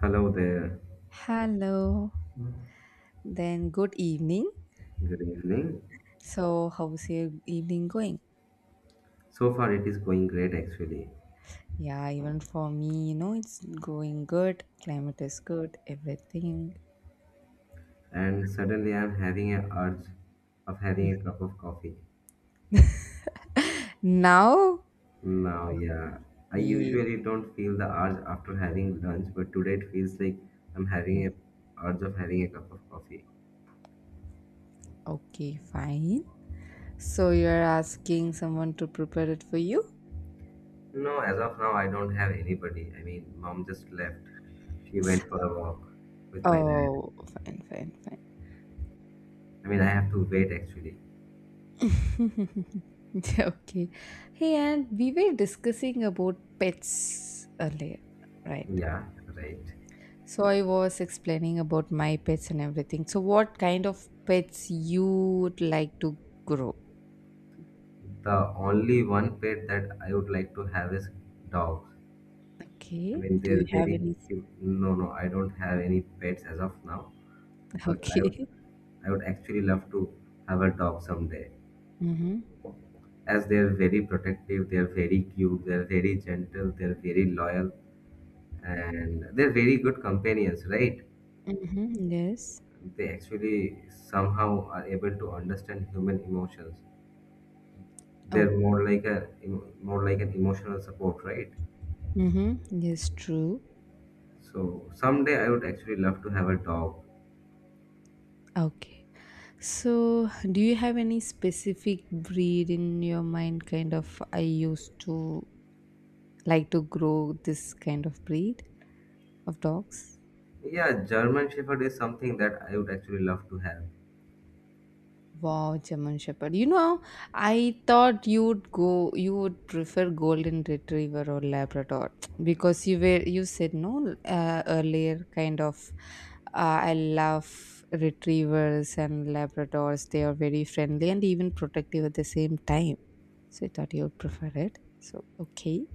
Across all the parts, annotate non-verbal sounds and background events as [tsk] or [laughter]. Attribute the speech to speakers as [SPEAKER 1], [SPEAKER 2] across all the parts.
[SPEAKER 1] Hello there.
[SPEAKER 2] Hello, then good evening.
[SPEAKER 1] Good evening.
[SPEAKER 2] So, how's your evening going?
[SPEAKER 1] So far it is going great actually.
[SPEAKER 2] Yeah, even for me, you know, it's going good. Climate is good, everything.
[SPEAKER 1] And suddenly I'm having an urge of having a cup of coffee.
[SPEAKER 2] Now,
[SPEAKER 1] Now, yeah, I
[SPEAKER 2] yeah,
[SPEAKER 1] usually don't feel the urge after having lunch, but today it feels like I'm having a urge of having a cup of coffee.
[SPEAKER 2] okay, fine. So, you're asking someone to prepare it for you?
[SPEAKER 1] No, as of now I don't have anybody. I mean, mom just left. She went for a walk with my dad.
[SPEAKER 2] Oh, fine, fine,
[SPEAKER 1] I mean, I have to wait actually.
[SPEAKER 2] fine. [laughs] Okay. Hey, and we were discussing about pets earlier, right?
[SPEAKER 1] Yeah, right.
[SPEAKER 2] So I was explaining about my pets and everything. So what kind of pets you would like to grow?
[SPEAKER 1] The only one pet that I would like to have is dogs. I
[SPEAKER 2] Okay.
[SPEAKER 1] mean,
[SPEAKER 2] Do you
[SPEAKER 1] they're
[SPEAKER 2] have
[SPEAKER 1] very
[SPEAKER 2] any? [laughs]
[SPEAKER 1] cute. No, no, I don't have any pets as of now, but I
[SPEAKER 2] Okay.
[SPEAKER 1] would, I would actually love to have a dog someday.
[SPEAKER 2] Mm-hmm.
[SPEAKER 1] As they're very protective, they're very cute, they're very gentle, they're very loyal, and they're very good companions, right?
[SPEAKER 2] Mm-hmm. Yes.
[SPEAKER 1] They actually somehow are able to understand human emotions. They're
[SPEAKER 2] Oh.
[SPEAKER 1] more like an emotional support, right?
[SPEAKER 2] Mm-hmm. Yes. True.
[SPEAKER 1] So someday I would actually love to have a dog.
[SPEAKER 2] Okay. So do you have any specific breed in your mind? Kind of. I used to like to grow this kind of breed of dogs.
[SPEAKER 1] Yeah, German Shepherd is something that I would actually love to have.
[SPEAKER 2] Wow, German Shepherd. You know, I thought you'd go, you would prefer Golden Retriever or Labrador [tsk] because you were, you said no earlier, kind of. I love retrievers and Labradors. They are very friendly and even protective at the same time. So I thought you would prefer it. So, okay.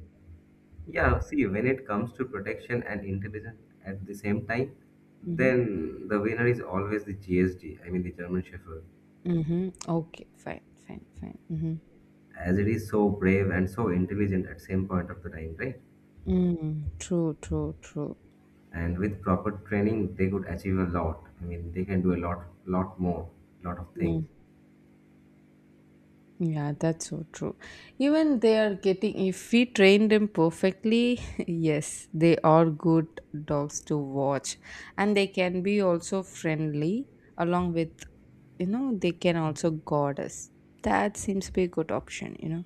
[SPEAKER 1] Yeah, see, when it comes to protection and intelligence at the same time,
[SPEAKER 2] Mm-hmm.
[SPEAKER 1] then the winner is always the GSD, I mean the German Shepherd,
[SPEAKER 2] Mm-hmm. Okay, fine, fine, fine. Mm-hmm.
[SPEAKER 1] as it is so brave and so intelligent at same point of the time, right?
[SPEAKER 2] Mm, true, true, true.
[SPEAKER 1] And with proper training, they could achieve a lot. I mean, they can do a lot, lot more, lot of things.
[SPEAKER 2] Mm-hmm. Yeah, that's so true. Even they are getting, if we train them perfectly, [laughs] yes, they are good dogs to watch. And they can be also friendly, along with, you know, they can also guard us. That seems to be a good option, you know.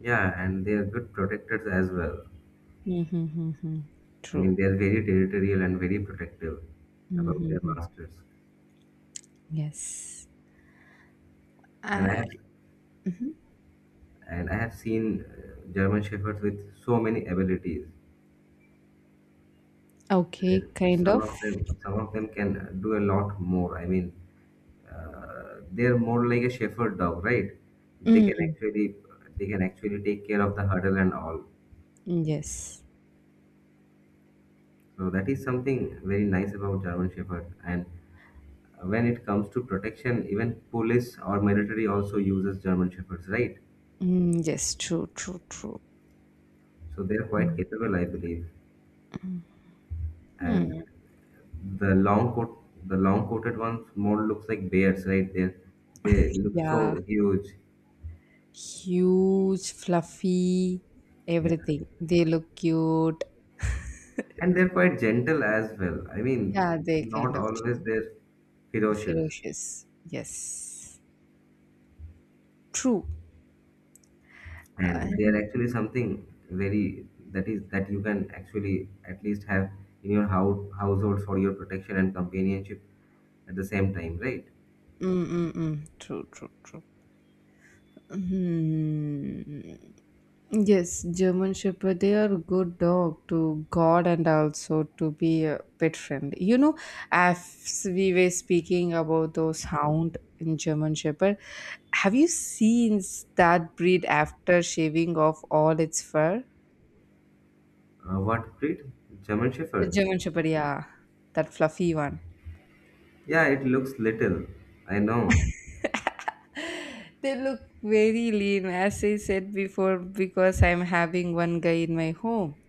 [SPEAKER 1] Yeah, and they are good protectors as well.
[SPEAKER 2] Mm-hmm,
[SPEAKER 1] I
[SPEAKER 2] true.
[SPEAKER 1] mean, they're very territorial and very protective about their
[SPEAKER 2] Mm-hmm,
[SPEAKER 1] masters.
[SPEAKER 2] yes.
[SPEAKER 1] And I
[SPEAKER 2] Uh,
[SPEAKER 1] have,
[SPEAKER 2] mhm.
[SPEAKER 1] and I have seen German shepherds with so many abilities.
[SPEAKER 2] Okay,
[SPEAKER 1] Uh,
[SPEAKER 2] kind
[SPEAKER 1] Some of
[SPEAKER 2] of.
[SPEAKER 1] them, some of them can do a lot more. I mean, they're more like a shepherd dog, right? They can
[SPEAKER 2] Mm,
[SPEAKER 1] actually, they can actually take care of the hurdle and all.
[SPEAKER 2] yes.
[SPEAKER 1] So that is something very nice about German shepherd. And when it comes to protection, even police or military also uses German shepherds, right?
[SPEAKER 2] Mm, yes, true, true, true.
[SPEAKER 1] So they are quite
[SPEAKER 2] Mm.
[SPEAKER 1] capable, I believe. And
[SPEAKER 2] Hmm,
[SPEAKER 1] the long coat, the long coated ones more looks like bears, right? They look
[SPEAKER 2] yeah.
[SPEAKER 1] so huge.
[SPEAKER 2] Huge, fluffy,
[SPEAKER 1] Yeah,
[SPEAKER 2] everything. They look cute.
[SPEAKER 1] and they're quite gentle as well. I mean,
[SPEAKER 2] Yeah,
[SPEAKER 1] it's
[SPEAKER 2] they
[SPEAKER 1] not
[SPEAKER 2] kind of
[SPEAKER 1] always they're ferocious,
[SPEAKER 2] ferocious. Yes, true.
[SPEAKER 1] and they are
[SPEAKER 2] And
[SPEAKER 1] actually something very that is that you can actually at least have in your house household for your protection and companionship at the same time, right?
[SPEAKER 2] mm, mm, mm. True, true, true. Hmm. Yes, German Shepherd, they are good dog to God and also to be a pet friend. You know, as we were speaking about those hound in German Shepherd, have you seen that breed after shaving off all its fur?
[SPEAKER 1] What breed? German
[SPEAKER 2] The
[SPEAKER 1] Shepherd.
[SPEAKER 2] German Shepherd, yeah, that fluffy one.
[SPEAKER 1] Yeah, it looks little. I know.
[SPEAKER 2] They look very lean, as I said before, because I'm having one guy in my home.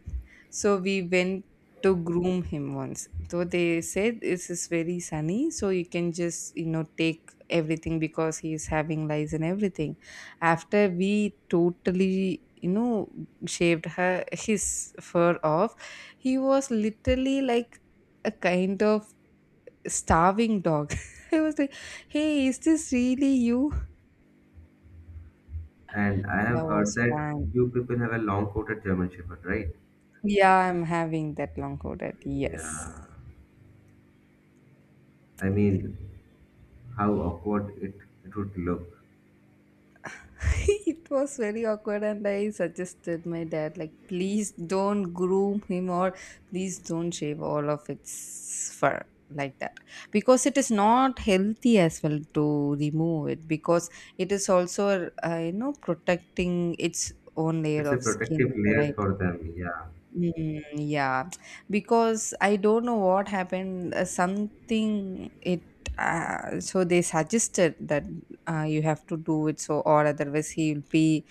[SPEAKER 2] So we went to groom him once. So they said this is very sunny, so you can just, you know, take everything because he is having lice and everything. After we totally, you know, shaved her his fur off, he was literally like a kind of starving dog. [laughs] I was like, hey, is this really you?
[SPEAKER 1] And I have
[SPEAKER 2] That
[SPEAKER 1] heard
[SPEAKER 2] was
[SPEAKER 1] that
[SPEAKER 2] fun.
[SPEAKER 1] you people have a long coated German Shepherd, right?
[SPEAKER 2] Yeah, I'm having that long coat, yes.
[SPEAKER 1] Yeah. I mean, how awkward it would look.
[SPEAKER 2] [laughs] It was very awkward and I suggested my dad like, please don't groom him, or please don't shave all of its fur like that, because it is not healthy as well to remove it, because it is also you know, protecting its own layer
[SPEAKER 1] It's a
[SPEAKER 2] of skin,
[SPEAKER 1] protective layer
[SPEAKER 2] right?
[SPEAKER 1] for them. Yeah.
[SPEAKER 2] Mm, yeah, because I don't know what happened, something it, so they suggested that you have to do it, so or otherwise he will be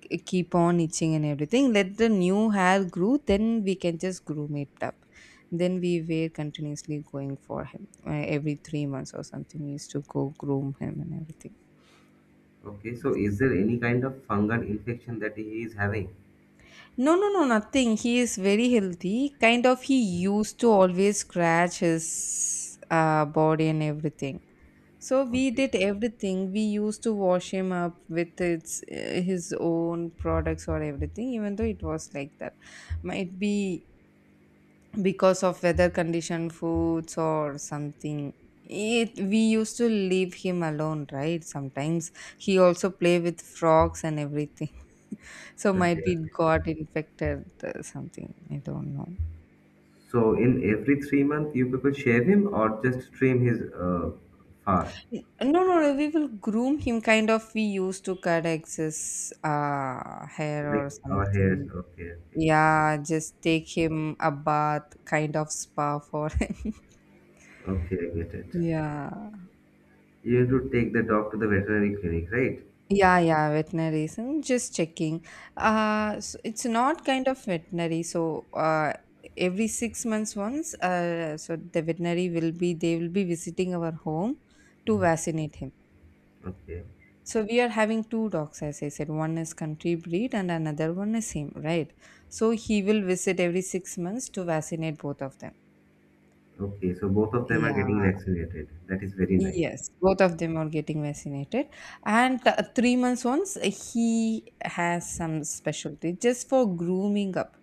[SPEAKER 2] keep on itching and everything. Let the new hair grow, then we can just groom it up. Then we were continuously going for him. Every three months or something we used to go groom him and everything.
[SPEAKER 1] Okay. So,
[SPEAKER 2] Yes.
[SPEAKER 1] is there any kind of fungal infection that he is having?
[SPEAKER 2] No, nothing. He is very healthy. Kind of, he used to always scratch his body and everything. So we
[SPEAKER 1] Okay.
[SPEAKER 2] did everything. We used to wash him up with its his own products or everything. Even though it was like that, might be because of weather condition, foods, or something. It, we used to leave him alone, right? Sometimes he also play with frogs and everything. [laughs] So might be
[SPEAKER 1] Okay.
[SPEAKER 2] got infected, something, I don't know.
[SPEAKER 1] So, in every 3 months, you people shave him or just trim his fur,
[SPEAKER 2] No, we will groom him, kind of. We used to cut excess hair or
[SPEAKER 1] like our hairs.
[SPEAKER 2] something.
[SPEAKER 1] Okay. Okay.
[SPEAKER 2] Yeah, just take him a bath, kind of spa for him.
[SPEAKER 1] Okay. I get it.
[SPEAKER 2] [laughs] Yeah.
[SPEAKER 1] You have to take the dog to the veterinary clinic, right?
[SPEAKER 2] Yeah, yeah, veterinary. So just checking. So it's not kind of veterinary. So every six months once, so the veterinary will be, they will be visiting our home to
[SPEAKER 1] Mm-hmm.
[SPEAKER 2] vaccinate him.
[SPEAKER 1] Okay.
[SPEAKER 2] So we are having two dogs, as I said. One is country breed and another one is him, right? So he will visit every six months to vaccinate both of them.
[SPEAKER 1] Okay, so both of them are getting
[SPEAKER 2] Yeah.
[SPEAKER 1] vaccinated. That is very nice.
[SPEAKER 2] Yes, both of them are getting vaccinated. And the three months once, he has some specialty just for grooming up.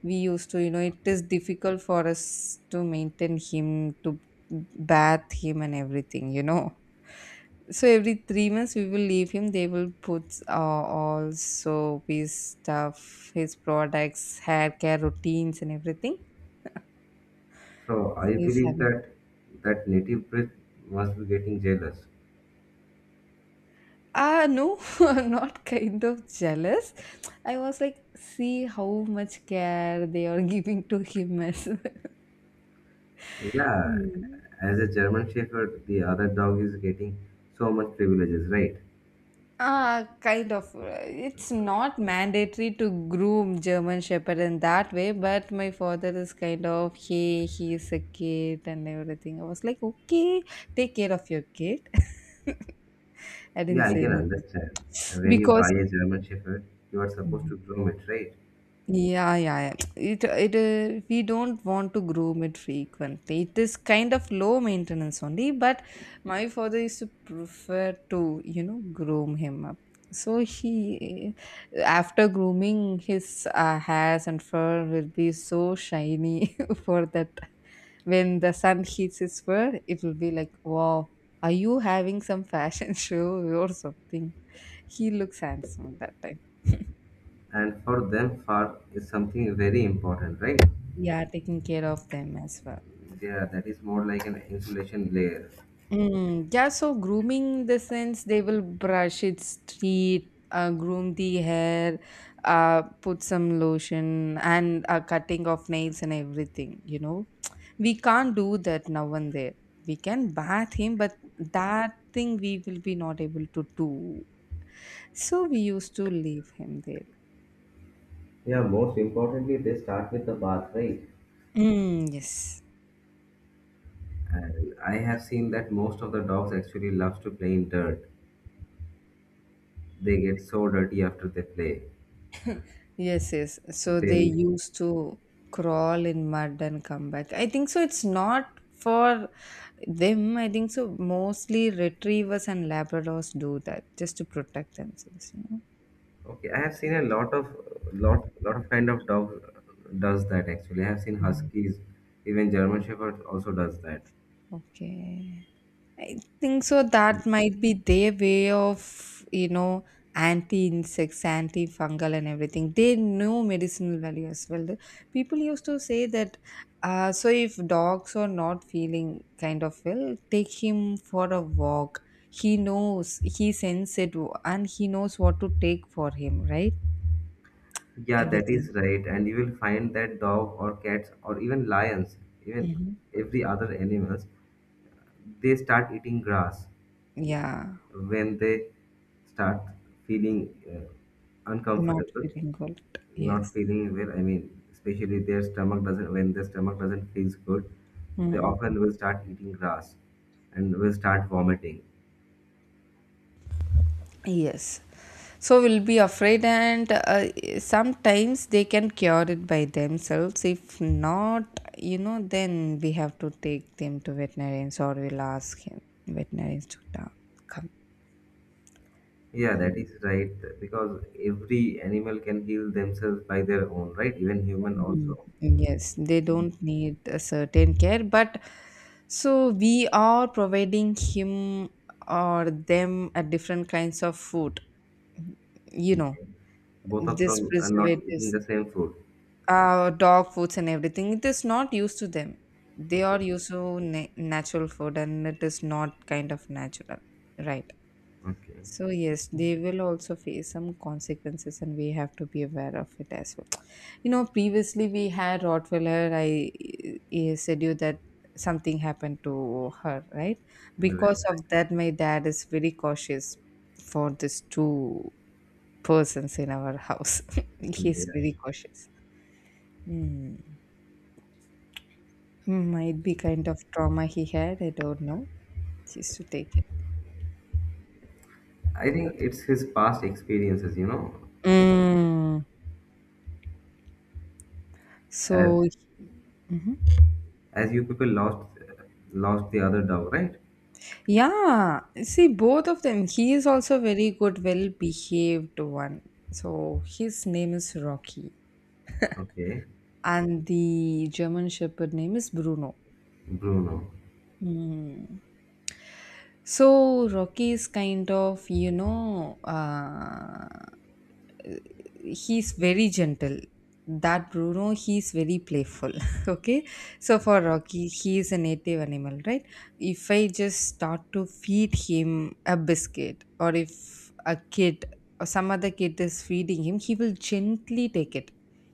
[SPEAKER 2] We used to, you know, it
[SPEAKER 1] Okay.
[SPEAKER 2] is difficult for us to maintain him, to bath him, and everything, you know. So every three months, we will leave him. They will put all soap, his stuff, his products, hair care routines, and everything.
[SPEAKER 1] So I
[SPEAKER 2] He's
[SPEAKER 1] believe
[SPEAKER 2] having.
[SPEAKER 1] that that native breed must be getting jealous.
[SPEAKER 2] Ah, no, [laughs] I'm not kind of jealous. I was like, see how much care they are [laughs] giving to him as well.
[SPEAKER 1] Yeah,
[SPEAKER 2] Mm.
[SPEAKER 1] as a German Shepherd, the other dog is getting so much privileges, right?
[SPEAKER 2] Ah, kind of. It's not mandatory to groom German Shepherd in that way, but my father is kind of, hey, he is a kid and everything. I was like, okay, take care of your kid. [laughs] I didn't
[SPEAKER 1] Yeah, I
[SPEAKER 2] say
[SPEAKER 1] can
[SPEAKER 2] anything
[SPEAKER 1] understand. And when you
[SPEAKER 2] because
[SPEAKER 1] buy a German Shepherd, you are supposed to groom it, right?
[SPEAKER 2] yeah, yeah, yeah. It we don't want to groom it frequently. It is kind of low maintenance only, but my father used to prefer to, you know, groom him up. So he, after grooming his hairs and fur will be so shiny. [laughs] For that, when the sun hits his fur, it will be like, wow, are you having some fashion [laughs] show or something? He looks handsome that time.
[SPEAKER 1] And for them, fur is something very important, right?
[SPEAKER 2] Yeah, taking care of them as well.
[SPEAKER 1] Yeah, that is more like an insulation layer.
[SPEAKER 2] Mm, yeah, so grooming the sense they will brush its teeth, groom the hair, put some lotion, and cutting of nails and everything. You know, we can't do that now and there. We can bath him, but that thing we will be not able to do. So we used to leave him there.
[SPEAKER 1] Yeah, most importantly, they start with the bath, right?
[SPEAKER 2] Mm, yes.
[SPEAKER 1] And I have seen that most of the dogs actually loves to play in dirt. They get so dirty after they play.
[SPEAKER 2] Yes, yes. So they
[SPEAKER 1] Then,
[SPEAKER 2] used to crawl in mud and come back. I think so. It's not for them. I think so. Mostly retrievers and Labradors do that just to protect themselves, you know.
[SPEAKER 1] okay, I have seen a lot of kind of dog does that actually. I have seen
[SPEAKER 2] Mm.
[SPEAKER 1] huskies, even German Shepherd also does that.
[SPEAKER 2] Okay. I think so.
[SPEAKER 1] And
[SPEAKER 2] That might be their way of, you know, anti insects, anti fungal, and everything. They know medicinal value as well. The people used to say that. So if dogs are not feeling kind of well, take him for a walk. He knows, he senses it, and he knows what to take for him, right?
[SPEAKER 1] yeah, that
[SPEAKER 2] Everything.
[SPEAKER 1] is right. And you will find that dog or cats or even lions, even
[SPEAKER 2] Hmm.
[SPEAKER 1] every other animals, they start eating grass
[SPEAKER 2] Yeah,
[SPEAKER 1] when they start feeling
[SPEAKER 2] not
[SPEAKER 1] uncomfortable,
[SPEAKER 2] feeling good.
[SPEAKER 1] not
[SPEAKER 2] Yes.
[SPEAKER 1] feeling well. I mean, especially their stomach doesn't feels good, they
[SPEAKER 2] Mm-mm.
[SPEAKER 1] often will start eating grass and will start vomiting.
[SPEAKER 2] Yes. So we'll be afraid, and sometimes they can cure it by themselves. If not, you know, then we have to take them to veterinarians, or we'll ask him veterinarians to come.
[SPEAKER 1] Yeah, that is right because every animal can heal themselves by their own, right? Even human
[SPEAKER 2] Mm.
[SPEAKER 1] also.
[SPEAKER 2] Yes, they don't need a certain care, but so we are providing him or them a different kinds of food. You know,
[SPEAKER 1] Okay. Both of
[SPEAKER 2] this
[SPEAKER 1] them are not eating
[SPEAKER 2] preservatives.
[SPEAKER 1] the same food.
[SPEAKER 2] Dog foods and everything, it is not used to them. They are
[SPEAKER 1] Okay.
[SPEAKER 2] used to natural food, and it is not kind of natural, right?
[SPEAKER 1] Okay.
[SPEAKER 2] So yes, they will also face some consequences, and we have to be aware of it as well. You know, previously we had rottweiler, I said you that something happened to her, right?
[SPEAKER 1] Right.
[SPEAKER 2] Because of that, my dad is very cautious for these two persons in our house. [laughs] He's
[SPEAKER 1] Yeah.
[SPEAKER 2] very cautious. Hmm. Might be kind of trauma he had, I don't know. He used to take it.
[SPEAKER 1] I think it's his past experiences,
[SPEAKER 2] Mm.
[SPEAKER 1] as
[SPEAKER 2] So
[SPEAKER 1] as you people lost the other dog, right?
[SPEAKER 2] yeah, see both of them. He is also very good, well behaved one. So his name is Rocky,
[SPEAKER 1] Okay,
[SPEAKER 2] and the German Shepherd name is Bruno.
[SPEAKER 1] Bruno.
[SPEAKER 2] Mm. So Rocky is kind of, you know, he's very gentle. That Bruno, he's very playful. [laughs] Okay, so for Rocky, he is a native animal, right? If I just start to feed him a biscuit, or if a kid or some other kid is feeding him, he will gently take it.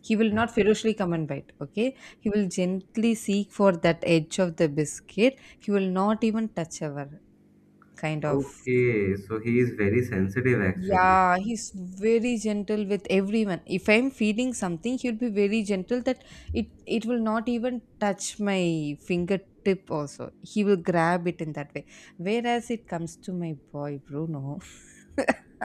[SPEAKER 2] He will not ferociously come and bite. Okay, he will gently seek for that edge of the biscuit. He will not even touch our, kind of.
[SPEAKER 1] Okay, so he is very sensitive actually.
[SPEAKER 2] Yeah, he's very gentle with everyone. If I'm feeling something, he'll be very gentle that it will not even touch my fingertip also. He will grab it in that way. Whereas it comes to my boy Bruno, [laughs]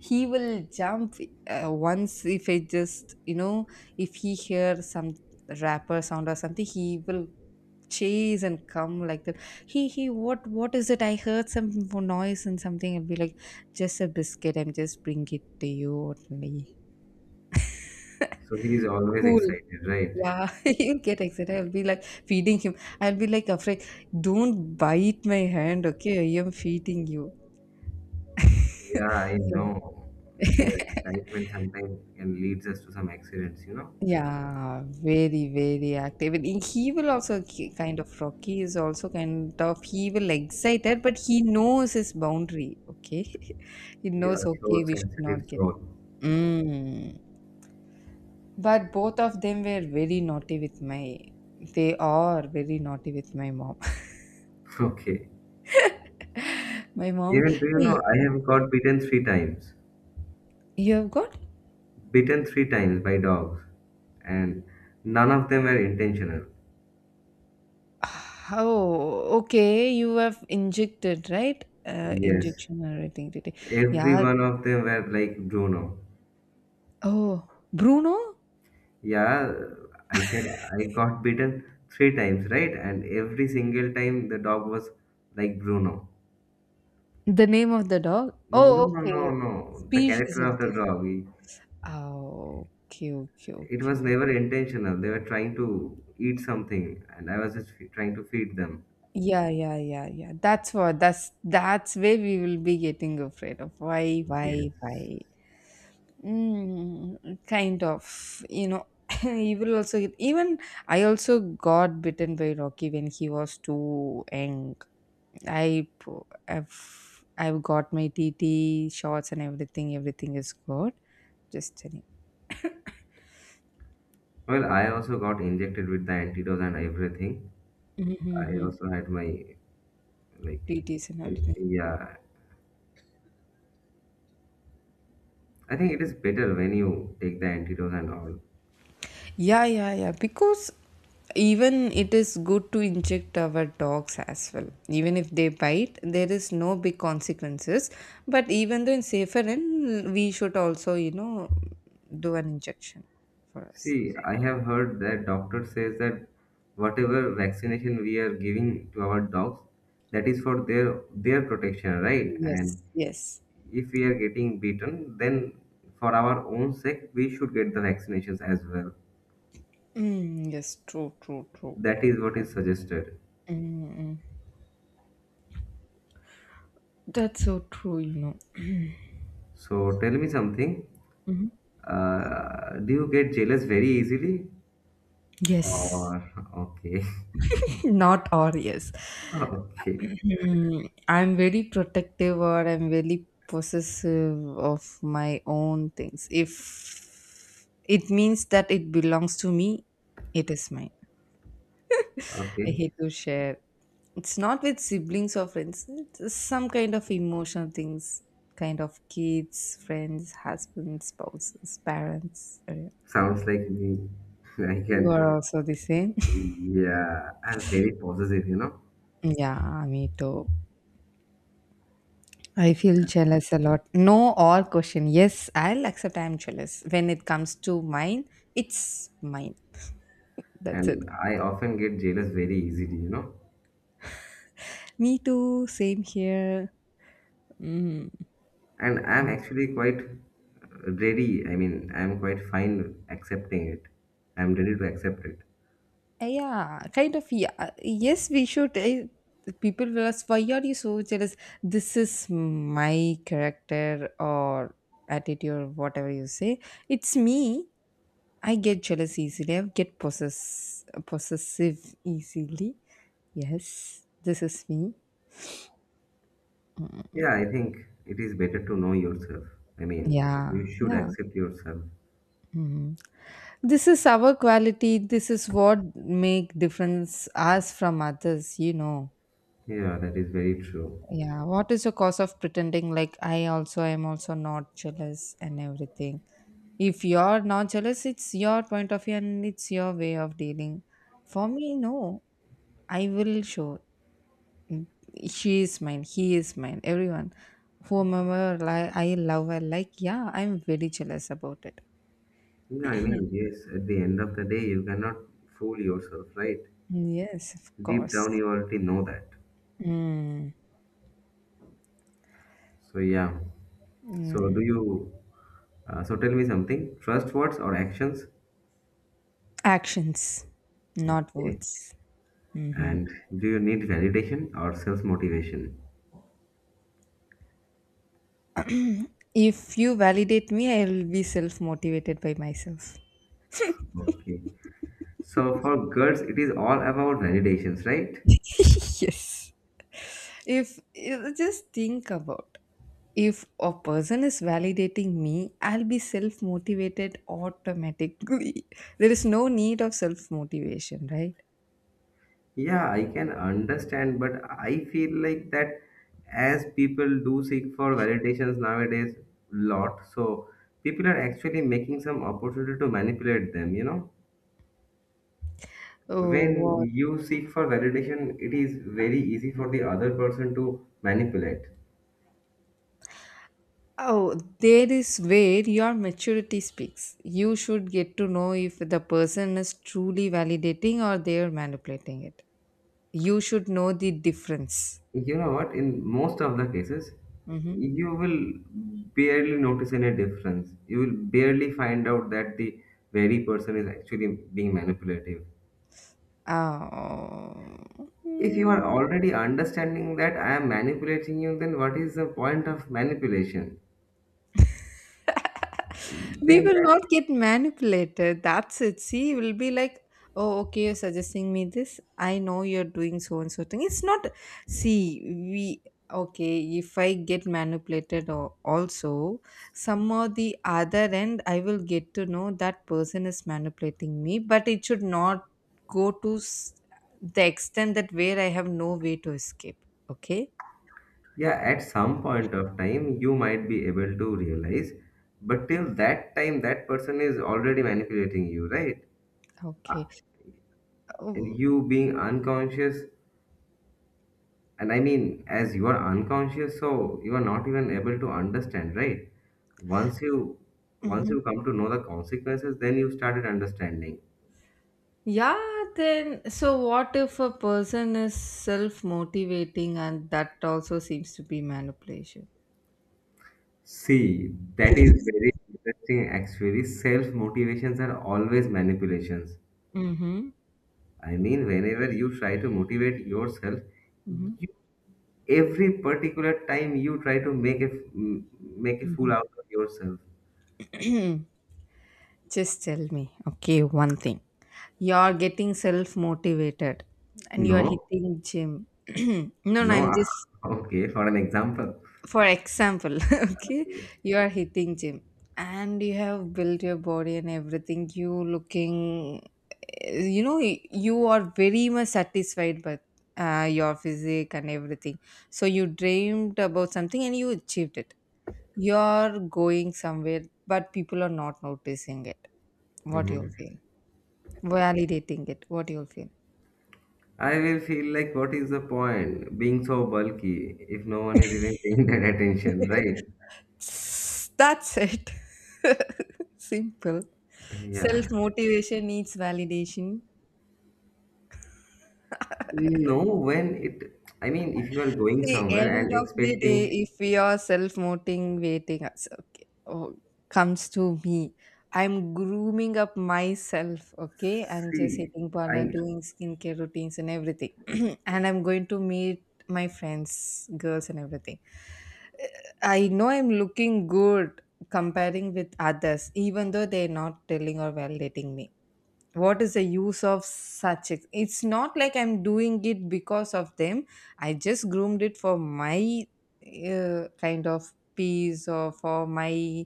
[SPEAKER 2] he will jump. Once if I just, you know, if he hears some rapper sound or something, he will chase and come like that. He, what is it? I heard some noise and something and be like, just a biscuit, I'm just bring it to you only.
[SPEAKER 1] So he is
[SPEAKER 2] [laughs]
[SPEAKER 1] always
[SPEAKER 2] Cool.
[SPEAKER 1] excited, right?
[SPEAKER 2] Yeah, [laughs] he get excited. I'll be like feeding him. I'll be like afraid, don't bite my hand, okay? I am feeding you.
[SPEAKER 1] Yeah, I
[SPEAKER 2] Mm.
[SPEAKER 1] know. And their excitement sometimes can leads us to some accidents, you know?
[SPEAKER 2] Yeah, very, very active. And he will also kind of, Rocky is also kind of, he will excited, but he knows his boundary. Okay, [laughs] he
[SPEAKER 1] Yeah,
[SPEAKER 2] knows. Okay,
[SPEAKER 1] so
[SPEAKER 2] we should not.
[SPEAKER 1] sensitive soul. [laughs]
[SPEAKER 2] Mm. But both of them were very naughty with my, they are very naughty with my mom. [laughs]
[SPEAKER 1] Okay.
[SPEAKER 2] My mom,
[SPEAKER 1] Even do you know
[SPEAKER 2] "Hey,
[SPEAKER 1] I have got beaten three times.
[SPEAKER 2] you have got?
[SPEAKER 1] Beaten three times by dogs. And none of them were intentional.
[SPEAKER 2] Oh, okay. You have injected, right?
[SPEAKER 1] Yes.
[SPEAKER 2] Injection or anything.
[SPEAKER 1] Every
[SPEAKER 2] Yeah.
[SPEAKER 1] one of them were like Bruno.
[SPEAKER 2] Oh, Bruno,
[SPEAKER 1] Yeah, I said I got bitten three times, right? And every single time the dog was like Bruno.
[SPEAKER 2] the name of the dog. Oh,
[SPEAKER 1] No, no,
[SPEAKER 2] okay.
[SPEAKER 1] no, no. The
[SPEAKER 2] Species
[SPEAKER 1] character
[SPEAKER 2] of
[SPEAKER 1] of the
[SPEAKER 2] this.
[SPEAKER 1] dog.
[SPEAKER 2] Oh, okay, okay,
[SPEAKER 1] It was
[SPEAKER 2] okay.
[SPEAKER 1] never intentional. They were trying to eat something, and I was just trying to feed them.
[SPEAKER 2] Yeah, yeah, yeah, yeah. That's what. That's where we will be getting afraid of. Why,
[SPEAKER 1] Yes.
[SPEAKER 2] why? Kind of, [laughs] he will also even I also got bitten by Rocky when he was too young. I p- I've got my TT shots and everything. Everything is good. Just telling.
[SPEAKER 1] Well, I also got injected with the antidote and everything. I
[SPEAKER 2] Mm-hmm.
[SPEAKER 1] also had my, like,
[SPEAKER 2] TTs and everything.
[SPEAKER 1] yeah. I think it is better when you take the antidote and all.
[SPEAKER 2] Yeah, yeah, yeah. Because even it is good to inject our dogs as well. Even if they bite, there is no big consequences. But even though in safer end, we should also, do an injection for us.
[SPEAKER 1] See, I have heard that doctor says that whatever vaccination we are giving to our dogs, that is for their protection, right? And
[SPEAKER 2] Yes, yes.
[SPEAKER 1] if we are getting beaten, then for our own sake, we should get the vaccinations as well.
[SPEAKER 2] Mm, yes, true, true, true.
[SPEAKER 1] That is what is suggested.
[SPEAKER 2] Mm, mm. That's so true.
[SPEAKER 1] So tell me something.
[SPEAKER 2] Mhm.
[SPEAKER 1] Do you get jealous very easily?
[SPEAKER 2] Yes.
[SPEAKER 1] Or okay,
[SPEAKER 2] [laughs] Not or yes.
[SPEAKER 1] [laughs] okay,
[SPEAKER 2] I'm very protective or I'm very possessive of my own things. If it means that it belongs to me, it is mine. I
[SPEAKER 1] okay.
[SPEAKER 2] hate to share. It's not with siblings or friends, it's just some kind of emotional things, kind of kids, friends, husbands, spouses, parents.
[SPEAKER 1] Sounds like me. [laughs] I can.
[SPEAKER 2] You are also the same. [laughs]
[SPEAKER 1] Yeah, I'm very possessive.
[SPEAKER 2] Yeah, me too. I feel jealous a lot. No or question. Yes, I'll accept I'm jealous. When it comes to mine, it's mine. That's it.
[SPEAKER 1] And I often get jealous very easily.
[SPEAKER 2] Me too. Same here. Mm.
[SPEAKER 1] And I'm actually quite ready. I mean, I'm quite fine accepting it. I'm ready to accept it.
[SPEAKER 2] Yeah, kind of. Yeah. Yes, we should. I, people will ask, why are you so jealous? This is my character or attitude or whatever you say. It's me. I get jealous easily. I get possessive easily. Yes, this is me.
[SPEAKER 1] Yeah, I think it is better to know yourself. I mean,
[SPEAKER 2] Yeah,
[SPEAKER 1] you should
[SPEAKER 2] yeah.
[SPEAKER 1] accept yourself.
[SPEAKER 2] Mhm. This is our quality. This is what make difference us from others.
[SPEAKER 1] Yeah, that is very true.
[SPEAKER 2] Yeah, what is the cause of pretending like I also am also not jealous and everything? If you're not jealous, it's your point of view and it's your way of dealing. For me, no. I will show she is mine, he is mine, everyone. I love, I like, yeah, I'm very jealous about it.
[SPEAKER 1] Yeah, I mean, yes, at the end of the day, you cannot fool yourself, right?
[SPEAKER 2] Yes, of
[SPEAKER 1] Deep down,
[SPEAKER 2] course.
[SPEAKER 1] you already know that.
[SPEAKER 2] Mm.
[SPEAKER 1] So, yeah. So, do
[SPEAKER 2] Mm,
[SPEAKER 1] you, so, tell me something, trust words or actions?
[SPEAKER 2] actions, not
[SPEAKER 1] Okay.
[SPEAKER 2] words. Mhm.
[SPEAKER 1] And do you need validation or self motivation?
[SPEAKER 2] If you validate me, I'll be self motivated by myself.
[SPEAKER 1] Okay. So for girls, it is all about validations, right?
[SPEAKER 2] [laughs] Yes. If you just think about if a person is validating me, I'll be self motivated automatically. [laughs] There is no need of self motivation, right?
[SPEAKER 1] Yeah, I can understand, but I feel like that as people do seek for validations nowadays, lot. So people are actually making some opportunity to manipulate them, you know?
[SPEAKER 2] Oh,
[SPEAKER 1] When
[SPEAKER 2] what?
[SPEAKER 1] you seek for validation, it is very easy for the other person to manipulate.
[SPEAKER 2] Oh, there is where your maturity speaks. You should get to know if the person is truly validating or they are manipulating it. You should know the difference.
[SPEAKER 1] You know what? In most of the cases,
[SPEAKER 2] Mhm.
[SPEAKER 1] you will barely notice any difference. You will barely find out that the very person is actually being manipulative.
[SPEAKER 2] Ah,
[SPEAKER 1] If you are
[SPEAKER 2] mm,
[SPEAKER 1] already understanding that I am manipulating you, then what is the point of manipulation?
[SPEAKER 2] [laughs] we
[SPEAKER 1] Then
[SPEAKER 2] will
[SPEAKER 1] that,
[SPEAKER 2] not get manipulated. That's it. See, we'll be like, oh, okay, you're suggesting me this. I know you're doing so and so thing. It's not, see, we, okay, if I get manipulated or also, some or the other end, I will get to know that person is manipulating me, but it should not go to s- the extent that where I have no way to escape. Okay.
[SPEAKER 1] yeah, at some point of time, you might be able to realize, but till that time, that person is already manipulating you, right? Uh,
[SPEAKER 2] Okay.
[SPEAKER 1] And
[SPEAKER 2] Mm-hmm.
[SPEAKER 1] you being unconscious. And I mean, as you are unconscious, so you are not even able to understand, right? Once you once you come to know the consequences, then you started understanding.
[SPEAKER 2] Yeah, then so what if a person is self motivating and that also seems to be manipulation?
[SPEAKER 1] See, that is very interesting actually. Self motivations are always manipulations.
[SPEAKER 2] Mm-hmm.
[SPEAKER 1] I mean, whenever you try to motivate yourself,
[SPEAKER 2] Mm-hmm.
[SPEAKER 1] you, every particular time you try to make a fool out
[SPEAKER 2] [clears throat]
[SPEAKER 1] of yourself.
[SPEAKER 2] Mm-hmm. Just tell me, okay, one thing. You're getting self motivated and you're
[SPEAKER 1] No,
[SPEAKER 2] hitting gym. [clears throat] No, no,
[SPEAKER 1] no.
[SPEAKER 2] I'm
[SPEAKER 1] [laughs]
[SPEAKER 2] just
[SPEAKER 1] Okay, for an example.
[SPEAKER 2] for example. [laughs] Okay,
[SPEAKER 1] Okay.
[SPEAKER 2] you are hitting gym and you have built your body and everything you looking eh, you know you are very much satisfied by your physique and everything, so you dreamed about something and you achieved it, you're going somewhere, but people are not noticing it, what you're
[SPEAKER 1] Mhm.
[SPEAKER 2] feeling, validating it, what you're feeling.
[SPEAKER 1] I will feel like, what is the point being so bulky if no one is even paying [laughs] that attention, right?
[SPEAKER 2] [laughs] That's it. [laughs] Simple. Self
[SPEAKER 1] Yeah.
[SPEAKER 2] motivation needs validation. [laughs]
[SPEAKER 1] No, when it, I mean, if you are going
[SPEAKER 2] See,
[SPEAKER 1] somewhere and
[SPEAKER 2] end of the day,
[SPEAKER 1] expecting,
[SPEAKER 2] if we are self-motivating us, okay, oh, comes to me. I'm grooming up myself, okay? I'm just
[SPEAKER 1] see,
[SPEAKER 2] hitting parlor,
[SPEAKER 1] I
[SPEAKER 2] doing skincare routines and everything. [clears throat] And I'm going to meet my friends, girls and everything. Uh, I know I'm looking good comparing with others, even though they're not telling or validating me, what is the use of it's not like I'm doing it because of them, I just groomed it for my kind of peace or for my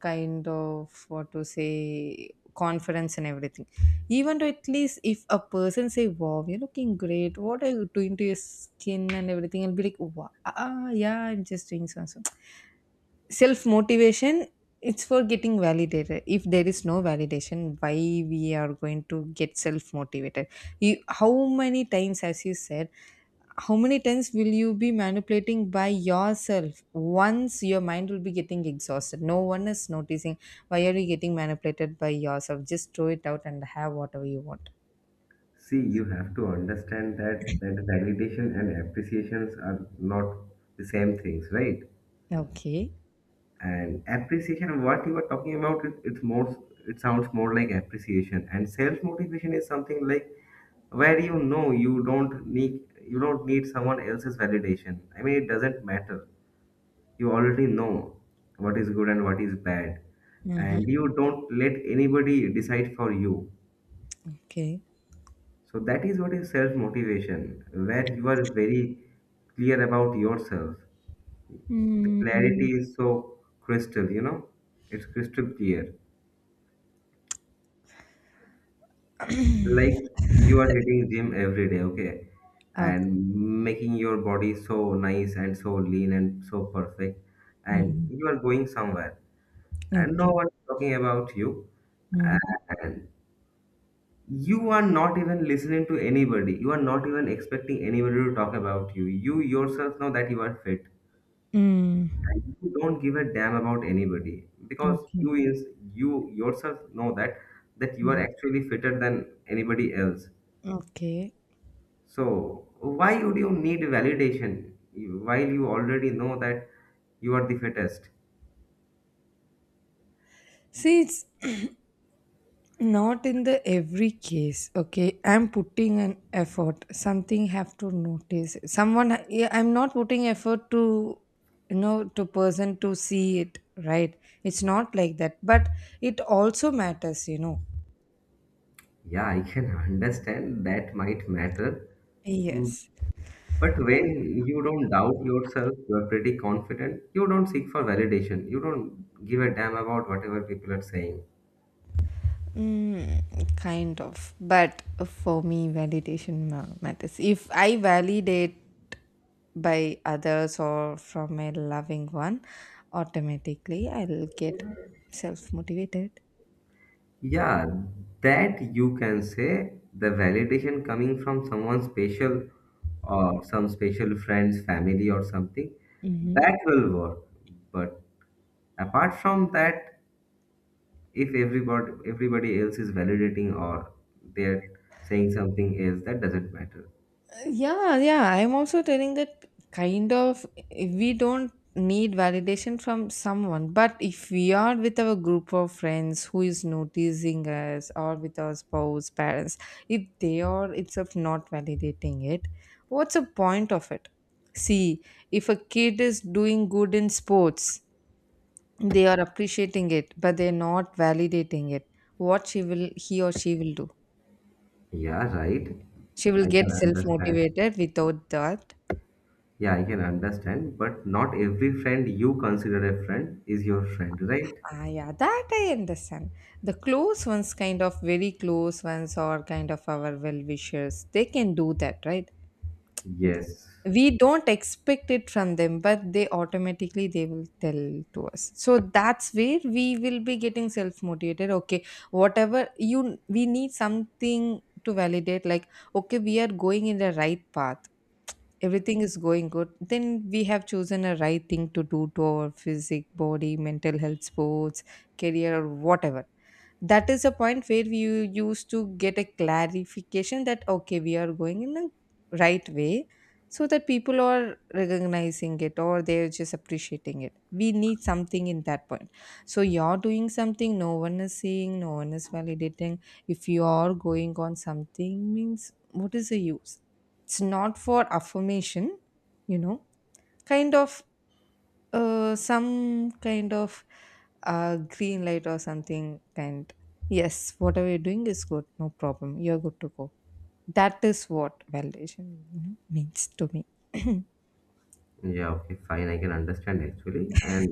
[SPEAKER 2] kind of what to say, confidence and everything. Even though at least if a person say, wow, you're looking great, what are you doing to your skin and everything, and be like, wow, ah, yeah, I'm just doing so and so. Self motivation, it's for getting validated. If there is no validation, why we are going to get self motivated? You, how many times, as you said, how many times will you be manipulating by yourself once your mind will be getting exhausted, no one is noticing? Why are you getting manipulated by yourself? Just throw it out and have whatever you want.
[SPEAKER 1] see, you have to understand that that validation and appreciations are not the same things, right?
[SPEAKER 2] Okay.
[SPEAKER 1] And appreciation what you were talking about it's more, it sounds more like appreciation, and self motivation is something like where you know you don't need someone else's validation. I mean, it doesn't matter. You already know what is good and what is bad,
[SPEAKER 2] Mm-hmm.
[SPEAKER 1] and you don't let anybody decide for you.
[SPEAKER 2] Okay.
[SPEAKER 1] So that is what is self motivation, where you are very clear about yourself. The
[SPEAKER 2] Mm-hmm.
[SPEAKER 1] clarity is so crystal, it's crystal clear. Like, you are hitting gym every day. Okay.
[SPEAKER 2] Okay.
[SPEAKER 1] And making your body so nice and so lean and so perfect, and
[SPEAKER 2] Mm-hmm.
[SPEAKER 1] you are going somewhere, and no
[SPEAKER 2] Okay.
[SPEAKER 1] one is talking about you,
[SPEAKER 2] Mm-hmm.
[SPEAKER 1] and you are not even listening to anybody, you are not even expecting anybody to talk about you. You yourself know that you are fit, and
[SPEAKER 2] Mm.
[SPEAKER 1] you don't give a damn about anybody because
[SPEAKER 2] Okay.
[SPEAKER 1] you yourself know that you are
[SPEAKER 2] Mhm.
[SPEAKER 1] actually fitter than anybody else.
[SPEAKER 2] Okay.
[SPEAKER 1] So, why would you need validation while you already know that you are the fittest?
[SPEAKER 2] See, it's [clears throat] not in the every case. Okay, I'm putting an effort. Something have to notice. Yeah, I'm not putting effort to, you know, to person to see it. Right? It's not like that. But it also matters. You know.
[SPEAKER 1] Yeah, I can [laughs] understand that might matter. Mm,
[SPEAKER 2] Yes.
[SPEAKER 1] but when you don't doubt yourself, you are pretty confident, you don't seek for validation, you don't give a damn about whatever people are saying.
[SPEAKER 2] Mm, kind of. But for me, matters. If I validate by others or from a loving one, automatically I'll get self motivated.
[SPEAKER 1] Yeah, that you can say the validation coming from someone special or some special friends, family, or something that will work. But apart from that, if everybody else is validating, or they're saying something else, that doesn't matter.
[SPEAKER 2] Yeah, yeah. I'm also telling that kind of we don't need validation from someone, but if we are with our group of friends who is noticing us or with our spouse, parents, if they are itself not validating it, what's the point of it? See, if a kid is doing good in sports, they are appreciating it, but they're not validating it. What she will, he or she will do?
[SPEAKER 1] Yeah, right.
[SPEAKER 2] She will
[SPEAKER 1] I
[SPEAKER 2] get
[SPEAKER 1] can
[SPEAKER 2] self
[SPEAKER 1] understand.
[SPEAKER 2] motivated without that.
[SPEAKER 1] Yeah, I can understand, but not every friend you consider a friend is your friend, right?
[SPEAKER 2] Ah, yeah, that I understand. The close ones, kind of very close ones, or kind of our well wishers, they can do that, right? Th-
[SPEAKER 1] Yes.
[SPEAKER 2] We don't expect it from them, but they automatically they will tell to us. So that's where we will be getting self motivated. Okay, whatever you, we need something to validate. Like, okay, we are going in the right path, everything is going good, then we have chosen a right thing to do to our physic, body, mental health, sports, career or whatever. That is a point where you used to get a clarification that okay, we are going in the right way, so that people are recognizing it or they're just appreciating it, we need something in that point. So you're doing something, no one is seeing, no one is validating. If you are going on something means what is the use? It's not for affirmation, you know, kind of, some kind of, green light or something kind. Yes, whatever you're doing is good. No problem. You're good to go. That is what validation, you know, means to me. [clears throat]
[SPEAKER 1] Yeah, okay, fine, I can understand actually. And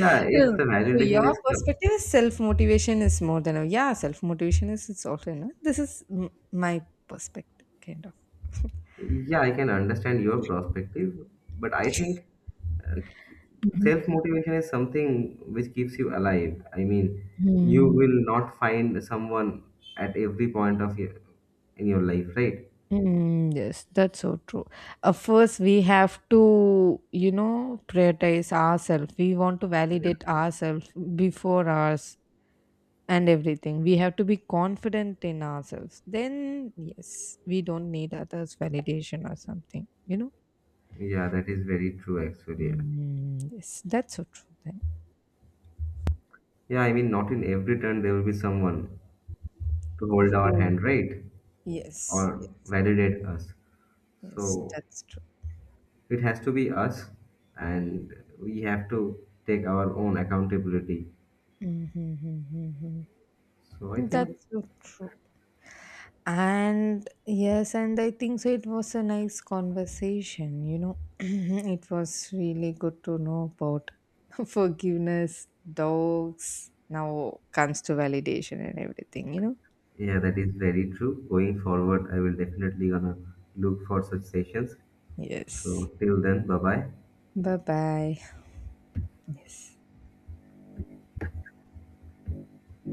[SPEAKER 1] yeah, if
[SPEAKER 2] Yeah.
[SPEAKER 1] the
[SPEAKER 2] So
[SPEAKER 1] validation
[SPEAKER 2] your
[SPEAKER 1] is com-
[SPEAKER 2] perspective is self motivation is more than a, yeah, self motivation is, it's also, you know, this is my perspective kind of.
[SPEAKER 1] Yeah, I can understand your perspective, but I think uh, self motivation is something which keeps you alive. I mean, you
[SPEAKER 2] Mhm.
[SPEAKER 1] will not find someone at every point of your in your life, right?
[SPEAKER 2] Mm, yes, that's so true. First, we have to, you know, prioritize ourselves. We want to
[SPEAKER 1] Yeah.
[SPEAKER 2] validate ourselves before ours and everything. We have to be confident in ourselves. Then, yes, we don't need others' validation or something, you know?
[SPEAKER 1] Yeah, that is very true actually.
[SPEAKER 2] Mm, yes, that's so true then.
[SPEAKER 1] Yeah, I mean, not in every turn there will be someone to hold our
[SPEAKER 2] Oh,
[SPEAKER 1] hand, right?
[SPEAKER 2] yes,
[SPEAKER 1] Or
[SPEAKER 2] yes,
[SPEAKER 1] validate us.
[SPEAKER 2] yes,
[SPEAKER 1] So
[SPEAKER 2] that's true.
[SPEAKER 1] it has to be us, and we have to take our own accountability.
[SPEAKER 2] Mm-hmm.
[SPEAKER 1] So I think,
[SPEAKER 2] That's so true. And yes, and I think so. It was a nice conversation, you know. [clears throat] It was really good to know about [laughs] forgiveness, dogs, now comes to validation and everything, you know.
[SPEAKER 1] yeah, that is very true. Going forward, I will definitely gonna look for such sessions.
[SPEAKER 2] Yes.
[SPEAKER 1] So till then, bye bye.
[SPEAKER 2] Bye bye. Yes.